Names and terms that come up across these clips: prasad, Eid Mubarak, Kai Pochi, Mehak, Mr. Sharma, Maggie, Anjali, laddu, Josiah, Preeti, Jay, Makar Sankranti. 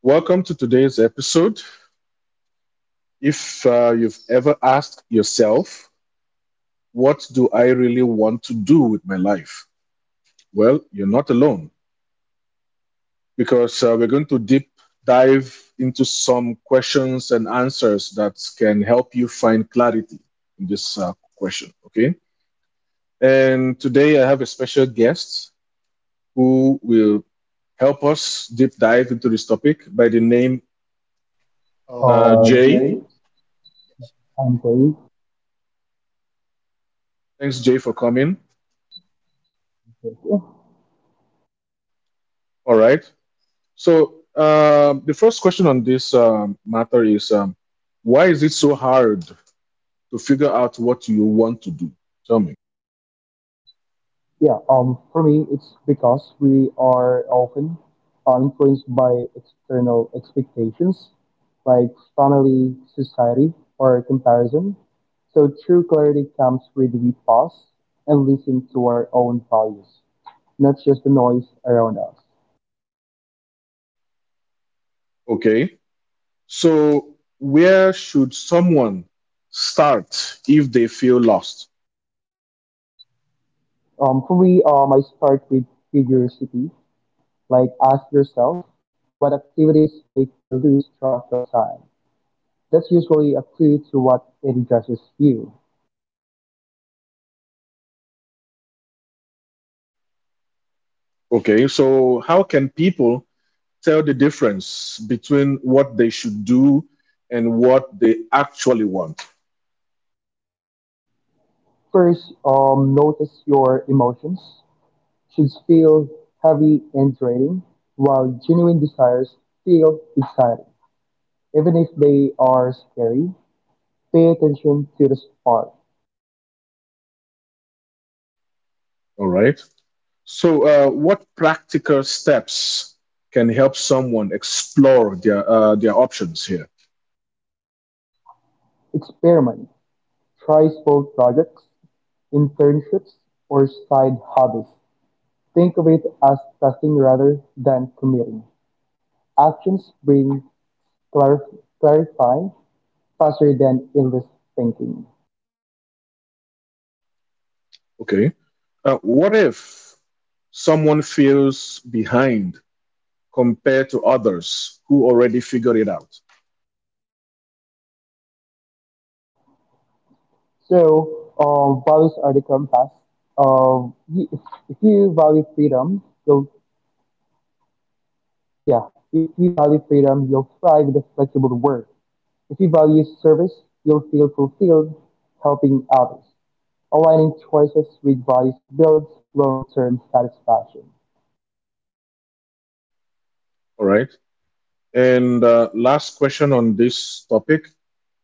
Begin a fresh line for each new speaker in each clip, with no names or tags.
Welcome to today's episode. If you've ever asked yourself, what do I really want to do with my life? Well, you're not alone because we're going to deep dive into some questions and answers that can help you find clarity in this question. Okay. And today I have a special guest who will help us deep dive into this topic by the name Jay.
Jay? I'm great.
Thanks, Jay, for coming.
Thank you.
All right. So the first question on this matter is why is it so hard to figure out what you want to do? Tell me.
Yeah, for me, it's because we are often influenced by external expectations like family, society, or comparison. So true clarity comes when we pause and listen to our own values, not just the noise around us.
Okay. So where should someone start if they feel lost?
For me, I start with curiosity, like ask yourself, what activities make you lose track of time? That's usually a clue to what addresses you.
Okay. So how can people tell the difference between what they should do and what they actually want?
First, notice your emotions. Should feel heavy and draining, while genuine desires feel exciting. Even if they are scary, pay attention to the spark.
All right. So, what practical steps can help someone explore their options here?
Experiment. Try small projects, internships, or side hobbies. Think of it as testing rather than committing. Actions bring clarif- clarify faster than endless thinking.
Okay. What if someone feels behind compared to others who already figured it out?
So, values are the compass. Um, y- if, if you value freedom, you'll yeah. If you value freedom, you'll thrive in a flexible work. If you value service, you'll feel fulfilled helping others. Aligning choices with values builds long-term satisfaction.
All right. And last question on this topic.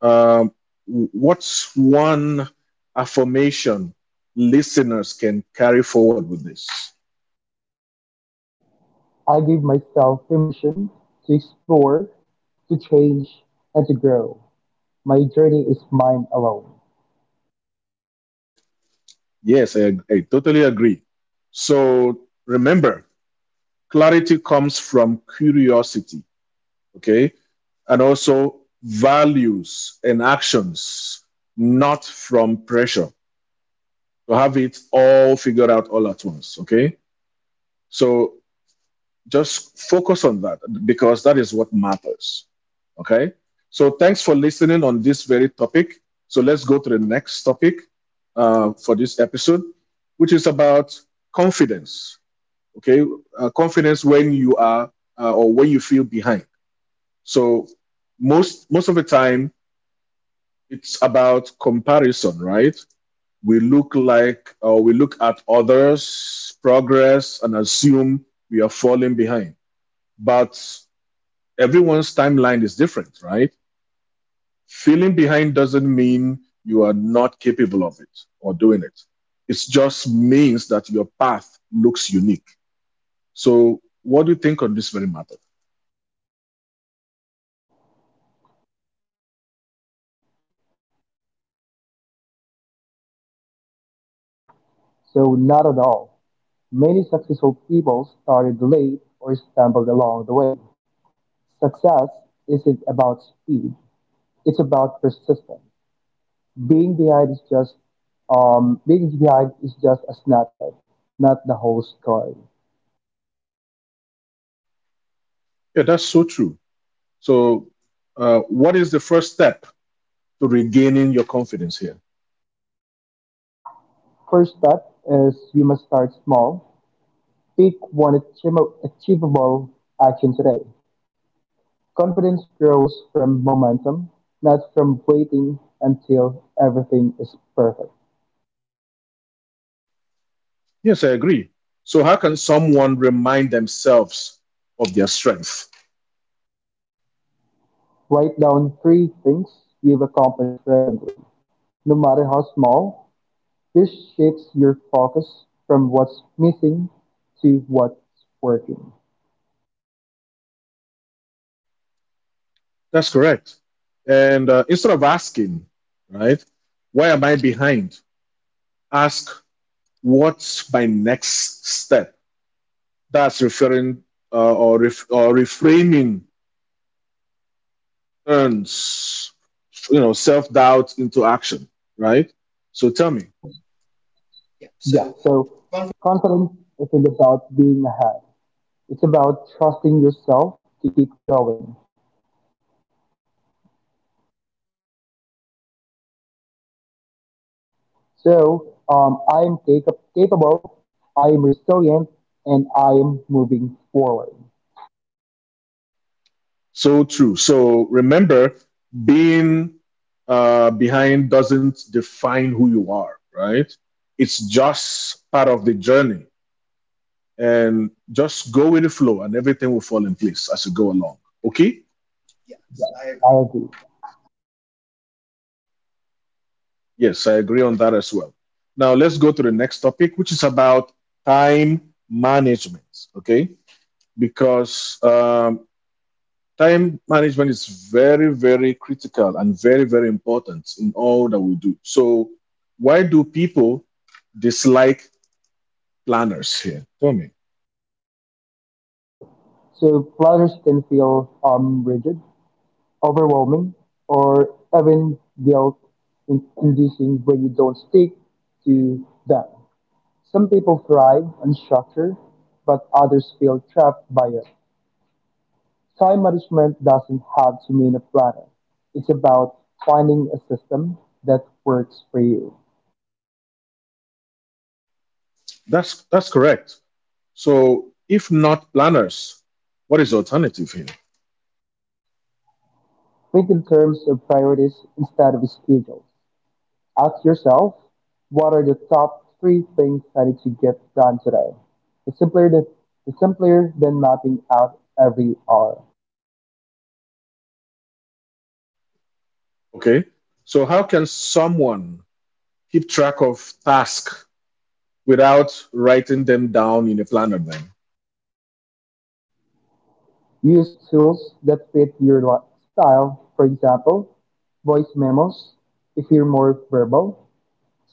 Um, what's one affirmation listeners can carry forward with this?
I give myself permission to explore, to change, and to grow. My journey is mine alone,
Yes, I totally agree. So remember, clarity comes from curiosity, okay? And also values and actions, not from pressure to have it all figured out all at once, okay? So just focus on that because that is what matters. Okay. So thanks for listening on this very topic. So let's go to the next topic for this episode, which is about confidence. Okay. Confidence when you are or when you feel behind. So most of the time it's about comparison, right? We look like or we look at others' progress and assume we are falling behind. But everyone's timeline is different, right? Feeling behind doesn't mean you are not capable of it or doing it. It just means that your path looks unique. So, what do you think on this very matter?
so not at all. Many successful people started late or stumbled along the way. Success isn't about speed; it's about persistence. Being behind is just Being behind is just a snapshot, not the whole story.
Yeah, that's so true. So, what is the first step to regaining your confidence here?
First step is you must start small. Pick one achievable action today. Confidence grows from momentum, not from waiting until everything is perfect.
Yes, I agree. So, how can someone remind themselves of their strength?
Write down three things you've accomplished presently, no matter how small. This shifts your focus from what's missing to what's working.
That's correct. And instead of asking, right, why am I behind? Ask what's my next step? That's referring or ref, or reframing turns self doubt into action, right? So tell me,
Yeah, so confidence isn't about being ahead. It's about trusting yourself to keep going. So I am capable, I am resilient, and I am moving forward.
so true. So remember, being behind doesn't define who you are, right? It's just part of the journey, and just go with the flow, and everything will fall in place as you go along. Okay.
I agree.
Yes, I agree on that as well. Now let's go to the next topic, which is about time management. Okay, because time management is very, very critical and very, very important in all that we do. So, why do people dislike planners here? Tell me.
So planners can feel rigid, overwhelming, or even guilt-inducing when you don't stick to them. Some people thrive on structure, but others feel trapped by it. Time management doesn't have to mean a planner. It's about finding a system that works for you.
That's correct. So, if not planners, what is the alternative here?
Think in terms of priorities instead of schedules. Ask yourself, what are the top three things I need to get done today? The simpler the, the simpler than mapping out every hour.
Okay. So, how can someone keep track of task without writing them down in a planner, then?
Use tools that fit your style. For example, voice memos if you're more verbal,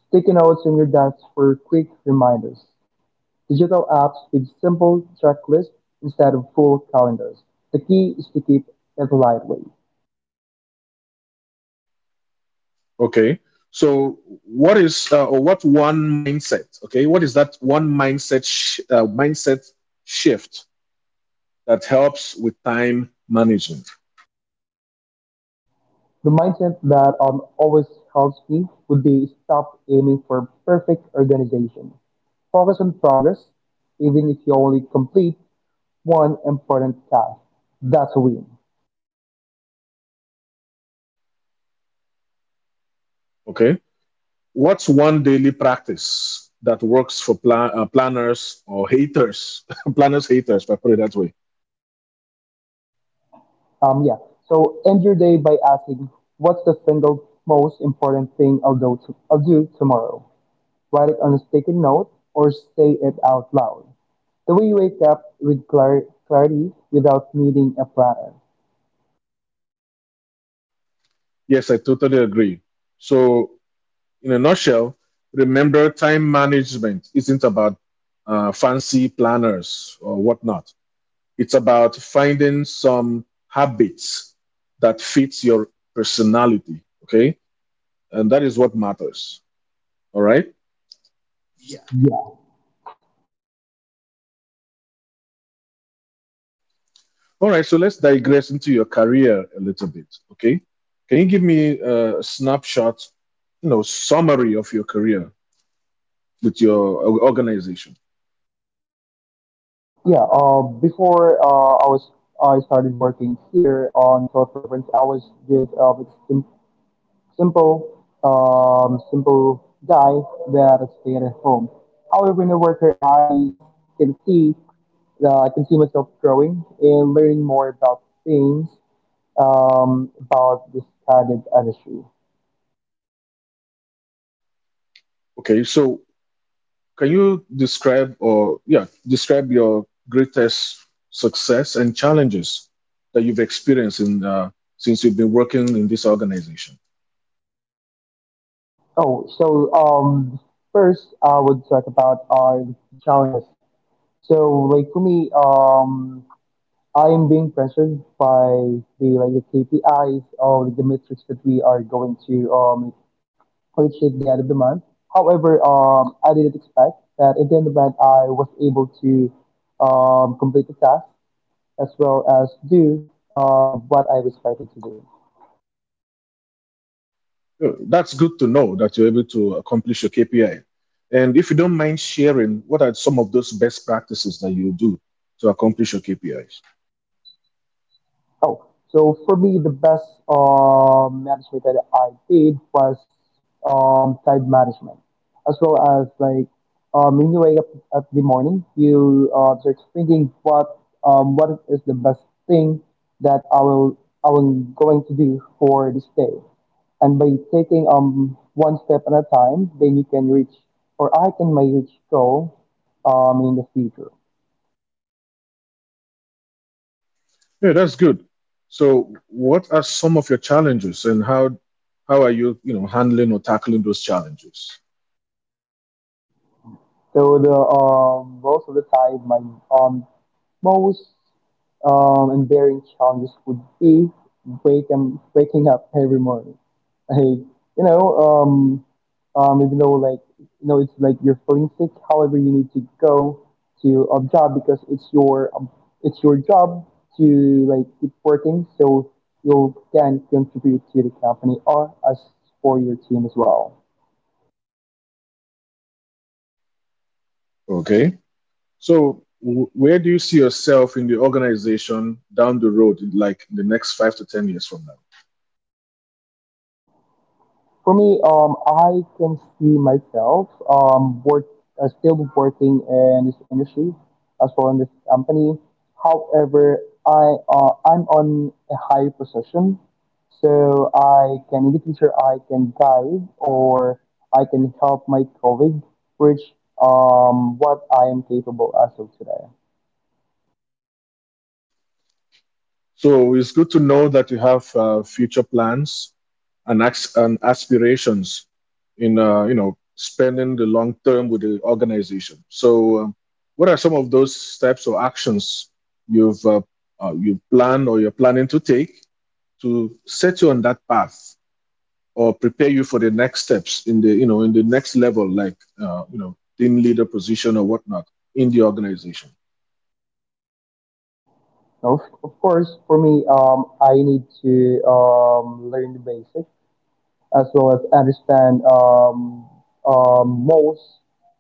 sticky notes in your desk for quick reminders, digital apps with simple checklists instead of full calendars. The key is to keep it lightweight.
Okay. So what is or what one mindset? Okay, what is that one mindset mindset shift that helps with time management?
The mindset that always helps me would be stop aiming for perfect organization. Focus on progress, even if you only complete one important task. That's a win.
Okay, what's one daily practice that works for planners or haters? planners haters, if I put it that way.
Yeah. So end your day by asking, what's the single most important thing I'll do tomorrow? Write it on a sticky note or say it out loud. The way you wake up with clarity without needing a planner.
Yes, I totally agree. So in a nutshell, remember time management isn't about fancy planners or whatnot. It's about finding some habits that fits your personality. Okay. And that is what matters. All right. Yes. All right. So let's digress into your career a little bit. Okay. Can you give me a snapshot, summary of your career with your organization?
Yeah, before I started working here on Thought Purpose, I was just a simple guy that stayed at home. However, in the here, can see I can see myself growing and learning more about things about this kind of industry.
Okay. So can you describe your greatest success and challenges that you've experienced since you've been working in this organization?
Oh, so first I would talk about our challenges. So, like for me, I'm being pressured by the KPIs or like the metrics that we are going to purchase at the end of the month. However, I didn't expect that at the end of the month I was able to complete the task as well as do what I was expected to do.
That's good to know that you're able to accomplish your KPI. And if you don't mind sharing, what are some of those best practices that you do to accomplish your KPIs?
Oh, so for me, the best management that I did was time management, as well as like when you wake up at the morning, you start thinking what is the best thing that I will going to do for this day, and by taking one step at a time, then you can reach or I can may reach goal in the future.
Yeah, that's good. So, what are some of your challenges, and how are you, handling or tackling those challenges?
So the most of the time my um Most enduring challenges would be waking up every morning. Like you know, um, even though it's like you're feeling sick, however you need to go to a job because it's your job to like keep working, so you can contribute to the company or as for your team as well.
Okay. So, where do you see yourself in the organization down the road, in the next 5 to 10 years from now?
For me, I can see myself work still working in this industry as well in this company. However, I'm on a higher position, so I can in the future I can guide or I can help my colleague reach what I am capable as of today.
So it's good to know that you have future plans and aspirations in spending the long term with the organization. So, what are some of those steps or actions you've uh, you're planning to take to set you on that path or prepare you for the next steps in the next level, like team leader position or whatnot in the organization?
Now, of course, for me, I need to learn the basics as well as understand most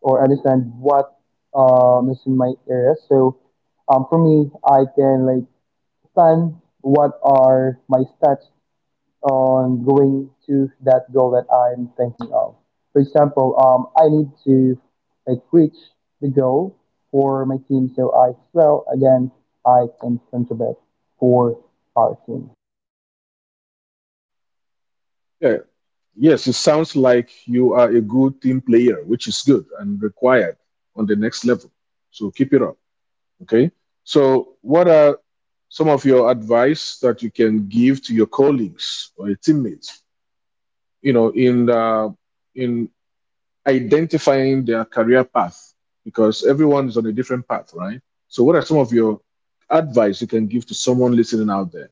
or understand what is in my area. So for me, I can like plan what are my steps on going to that goal that I'm thinking of. For example, I need to like reach the goal for my team, so I well again I can contribute for our team.
Yeah, yes, it sounds like you are a good team player, which is good and required on the next level. So keep it up. Okay. So, what are some of your advice that you can give to your colleagues or your teammates? You know, in uh, in identifying their career path because everyone is on a different path, right? So, what are some of your advice you can give to someone listening out there?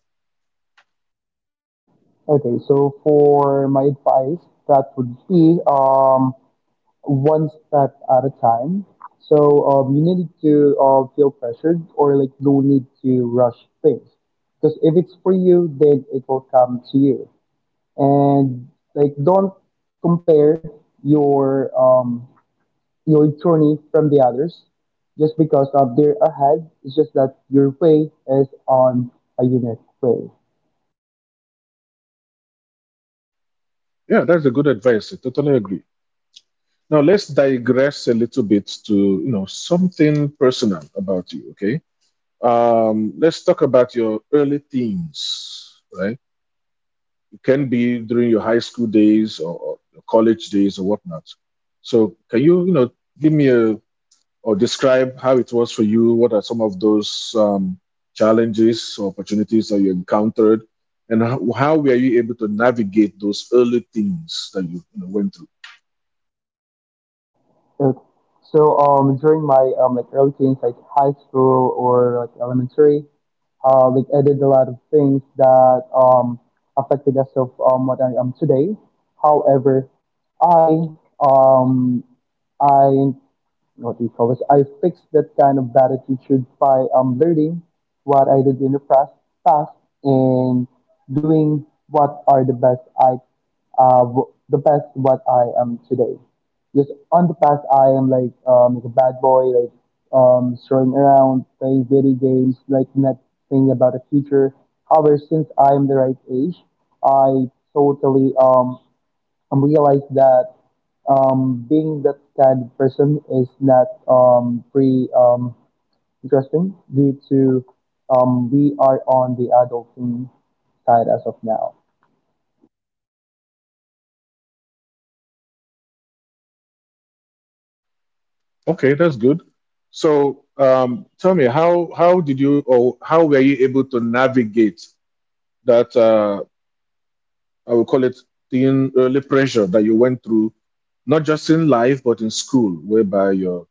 Okay, so for my advice, that would be one step at a time. So you need to feel pressured or like no need to rush things. Because if it's for you, then it will come to you. And like don't compare your um, your journey from the others just because of their ahead. It's just that your way is on a unique way.
Yeah, that's a good advice. I totally agree. Now, let's digress a little bit to something personal about you. Okay, let's talk about your early teens, right? Can be during your high school days or your college days or whatnot. So can you, give me a or describe how it was for you? What are some of those challenges or opportunities that you encountered, and how were you able to navigate those early things that you, went through?
Okay. So during my like early teens, like high school or like elementary, like I did a lot of things that affected us of what I am today. However, I um I what do you call this? I fixed that kind of bad attitude by learning what I did in the past and doing what are the best the best what I am today. Because on the past I am like a bad boy, like strolling around, playing video games, like not thinking about the future. However, since I am the right age, I totally realize that being that kind of person is not pretty interesting due to we are on the adulting side as of now.
Okay, that's good. So tell me how were you able to navigate that I will call it teen early pressure that you went through, not just in life but in school, whereby your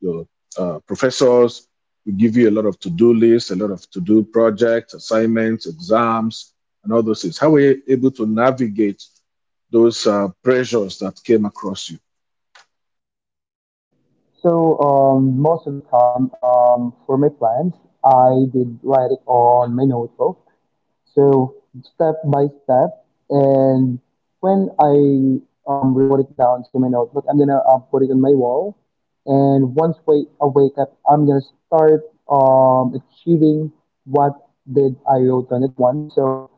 your uh, professors will give you a lot of to-do lists, a lot of to-do projects, assignments, exams, and all those things. How were you able to navigate those pressures that came across you?
So most of the time for my plans, I did write it on my notebook. So step by step, and when I wrote it down to my notebook, I'm gonna put it on my wall. And once wait, I wake up, I'm gonna start achieving what did I wrote on it once. So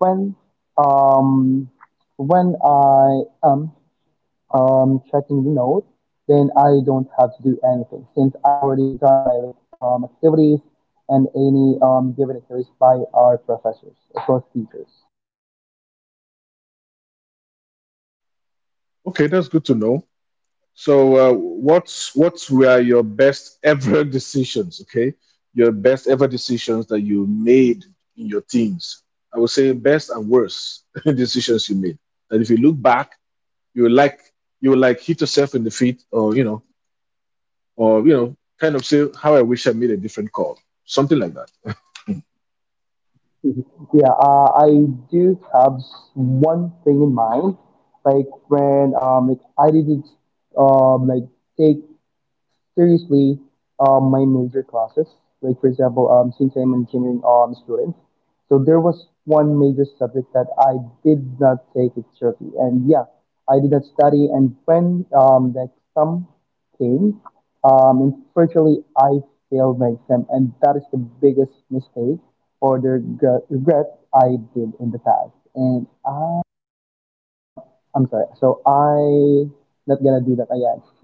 when um, when I am checking the node, then I don't have to do anything since I already done my like, activities and any given activities by our professors, of course, teachers.
Okay, that's good to know. So what were your best ever decisions. Okay, your best ever decisions that you made in your teens. I would say best and worst decisions you made. And if you look back, you will like you will like hit yourself in the feet or you know kind of say how I wish I made a different call, something like that. Mm.
Yeah, I do have one thing in mind, like when like I didn't like take seriously my major classes. Like for example, since I'm an engineering student, so there was one major subject that I did not take it seriously, and yeah, I did not study. And when the exam came, unfortunately, I failed my exam, and that is the biggest mistake or the regret I did in the past. And I'm sorry. So I not gonna do that again.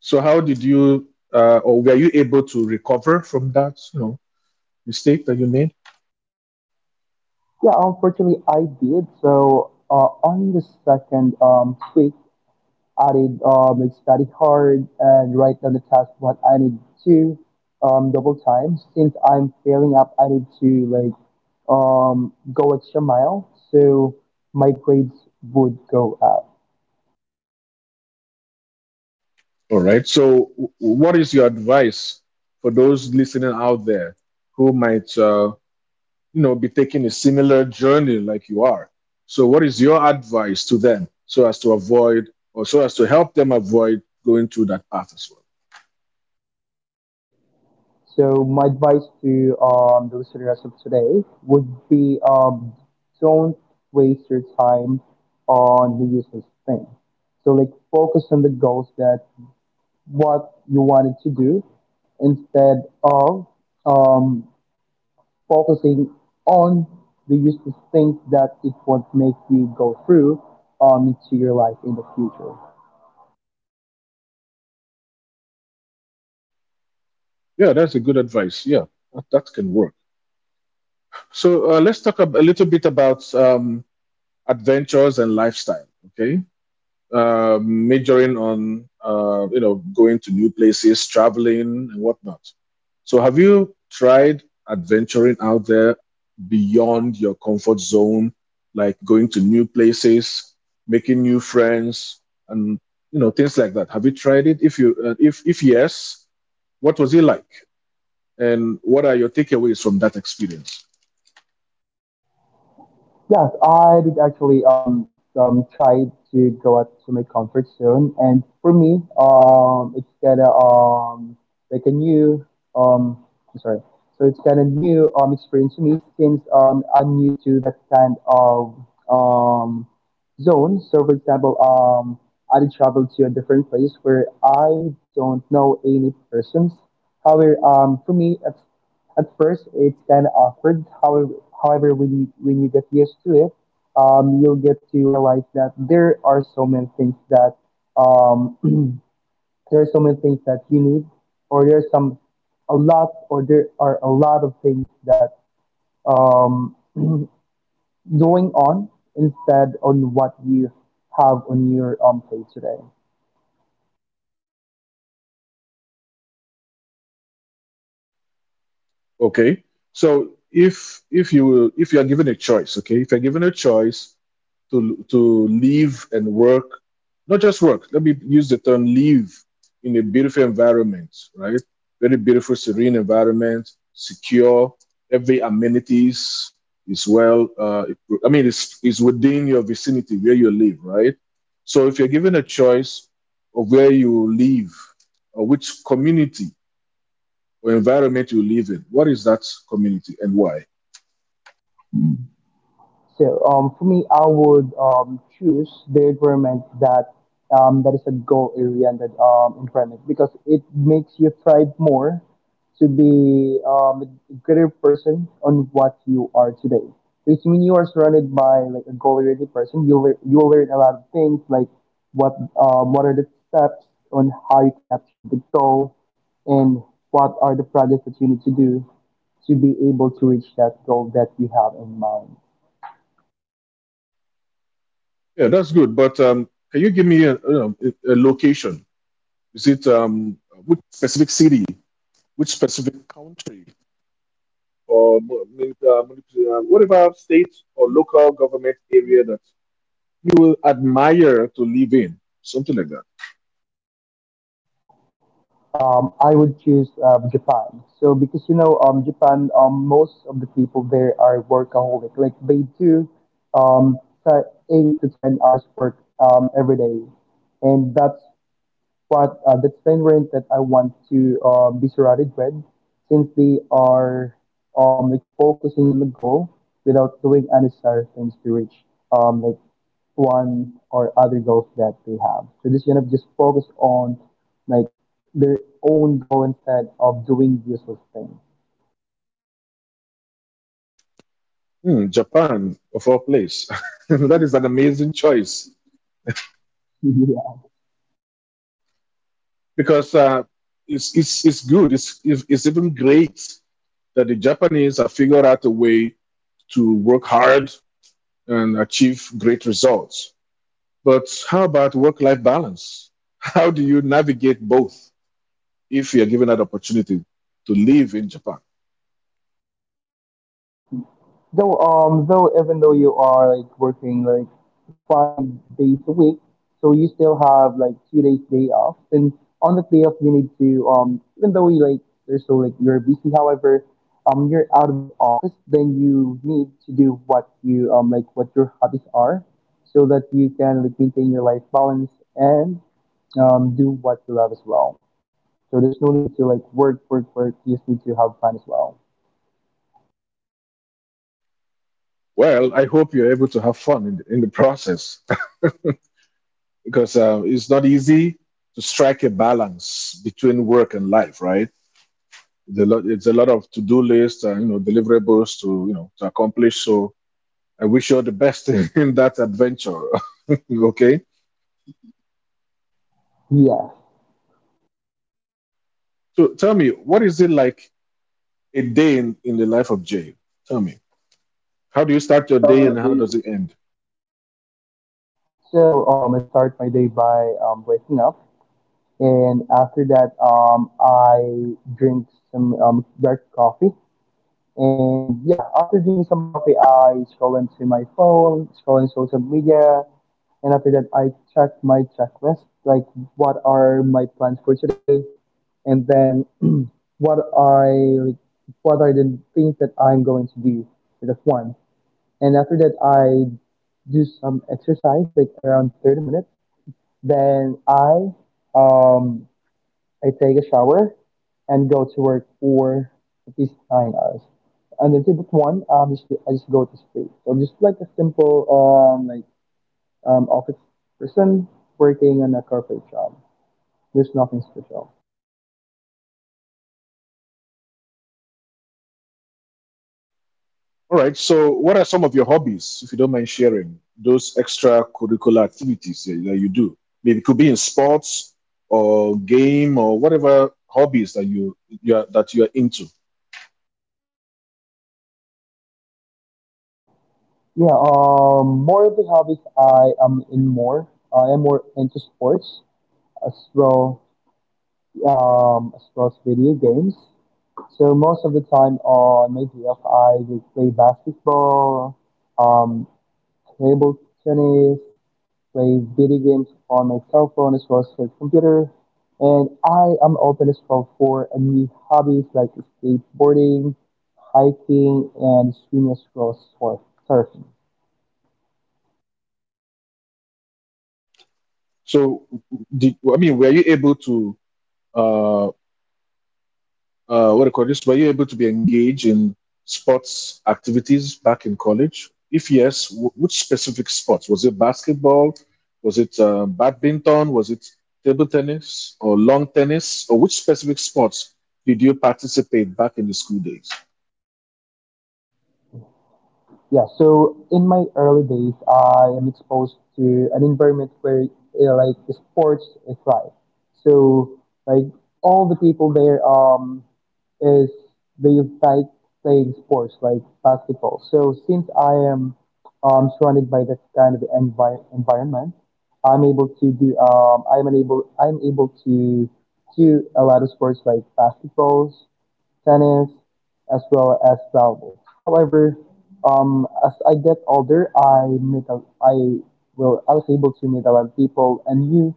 So how did you or were you able to recover from that mistake that you made?
Yeah, unfortunately, I did. So on the second tweak, I did like study hard and write down the task what I need to double time. Since I'm failing up, I need to like go extra mile so my grades would go up.
All right. So what is your advice for those listening out there who might be taking a similar journey like you are. So, what is your advice to them so as to avoid or so as to help them avoid going through that path as well?
So my advice to the listeners of today would be don't waste your time on the useless things. So like focus on the goals that what you wanted to do instead of um, focusing on the useless things that it would make you go through into your life in the future.
Yeah, that's a good advice. Yeah, that can work. So, let's talk a little bit about adventures and lifestyle. Okay. Majoring on going to new places, traveling and whatnot. So have you tried adventuring out there beyond your comfort zone, like going to new places, making new friends, and things like that? Have you tried it? If you if yes, what was it like, and what are your takeaways from that experience?
Yes, I did actually try to go out to my comfort zone, and for me, it's kind of like a new um I'm sorry, so it's kind of new experience to me since I'm new to that kind of um zone. So for example, I did travel to a different place where I don't know any persons. However, for me, it's at first, it's kind of awkward. However, when you get used to it, you'll get to realize that there are so many things that um, there are so many things that you need, or there's some a lot, or there are a lot of things that um, going on instead on what you have on your plate today.
Okay. So if you are given a choice, okay, if you're given a choice to live and work, not just work. Let me use the term live in a beautiful environment, right? Very beautiful, serene environment, secure. Every amenities is well. I mean, it's is within your vicinity where you live, right? So if you're given a choice of where you live, or which community or environment you live in. What is that community and why?
For me, I would choose the environment that that is a goal oriented environment because it makes you thrive more to be a greater person on what you are today. Which means you are surrounded by like a goal oriented person. You learn a lot of things like what what are the steps on how you can achieve the goal and what are the projects that you need to do to be able to reach that goal that you have in mind.
Yeah, that's good. But can you give me a, you know, a location? Is it which specific city, which specific country, or whatever state or local government area that you will admire to live in? Something like that.
I would choose Japan. So because Japan, most of the people there are workaholic. Like they do, um, t- 8 to 10 hours work every day, and that's what that's the environment that I want to be surrounded with, since they are like focusing on the goal without doing unnecessary things to reach um, like one or other goals that they have. So just gonna just focus on like their own goal instead of doing useless things.
Japan, of all place. That is an amazing choice. Because it's good. It's even great that the Japanese have figured out a way to work hard and achieve great results. But how about work life balance? How do you navigate both if you are given that opportunity to live in Japan?
Though even though you are like working like 5 days a week, so you still have like 2 days day off. And on that day off, you need to even though you like there's so like you're busy. However, you're out of the office, then you need to do what you like what your hobbies are, so that you can like maintain your life balance and do what you love as well. So there's no need to like work work work. You just need to have fun as well.
Well, I hope you're able to have fun in the process. Because it's not easy to strike a balance between work and life, right? It's a lot of to-do lists and deliverables to you know to accomplish. So I wish you all the best in that adventure. Okay,
Yes.
so tell me, what is it like a day in the life of Jay? Tell me, how do you start your day and how does it end?
So I start my day by waking up, and after that, I drink some dark coffee. And yeah, after drinking some coffee, I scroll into my phone, scroll in social media, and after that, I check my checklist, like what are my plans for today, and then what I like, what are the things that I'm going to do. That's one. And after that, I do some exercise, like around 30 minutes then um I take a shower and go to work for at least 9 hours. And then tip one, just I just go to sleep. So just like a simple office person working on a corporate job. There's nothing special.
All right. So, what are some of your hobbies, if you don't mind sharing those extracurricular activities that you do? Maybe it could be in sports or game or whatever hobbies that you are into.
Yeah, more of the hobbies I am in more. I am more into sports as well, as well as video games. So most of the time on my day off, I will play basketball, um, table tennis, play video games on my cell phone as well as my computer. And I am open as well for a new hobbies like skateboarding, hiking, and swimming as well as surfing.
So, did I mean were you able to? uh, what do you call this? Were you able to be engaged in sports activities back in college? If yes, which specific sports? Was it basketball? Was it badminton? Was it table tennis or long tennis? Or which specific sports did you participate back in the school days?
Yeah, so in my early days, I am exposed to an environment where like sports is life. So like all the people there is they like playing sports like basketball. So since I am surrounded by that kind of environment, I'm able to do a lot of sports like basketballs, tennis, as well as volleyball. However, as I get older, I was able to meet a lot of people and you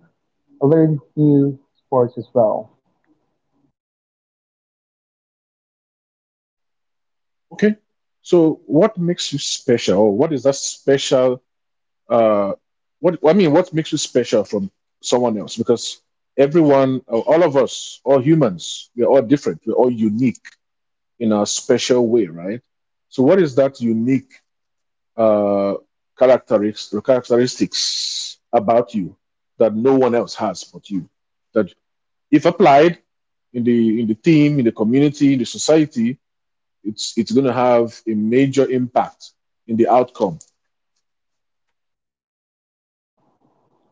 learn new sports as well.
Okay. So, what makes you special? Or what is that special? Uh, what I mean, what makes you special from someone else? Because everyone, all of us, all humans, we're all different. We're all unique in a special way, right? So, what is that unique uh, characteristics about you that no one else has but you? That if applied in the team, in the community, in the society, it's going to have a major impact in the outcome.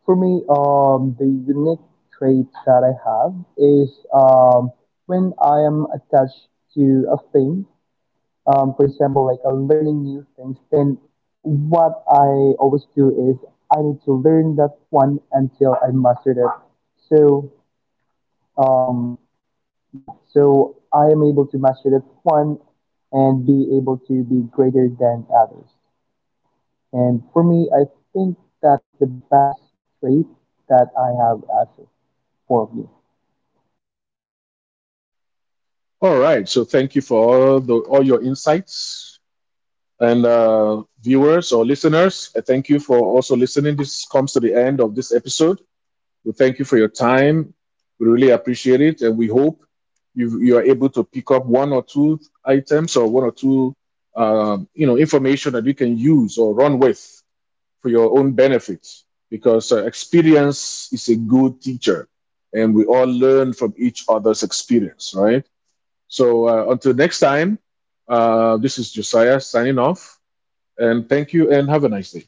For me, the unique trait that I have is when I am attached to a thing. For example, like learning new things. Then what I always do is I need to learn that one until I mastered it. So um, yeah, so I am able to master that one and be able to be greater than others. And for me, I think that is the best trait that I have for me.
All right. So, thank you for all your insights. And viewers or listeners, I thank you for also listening. This comes to the end of this episode. We thank you for your time. We really appreciate it, and we hope you are able to pick up one or two items or one or two information that you can use or run with for your own benefit. Because experience is a good teacher, and we all learn from each other's experience, right? So until next time, this is Josiah signing off, and thank you, and have a nice day.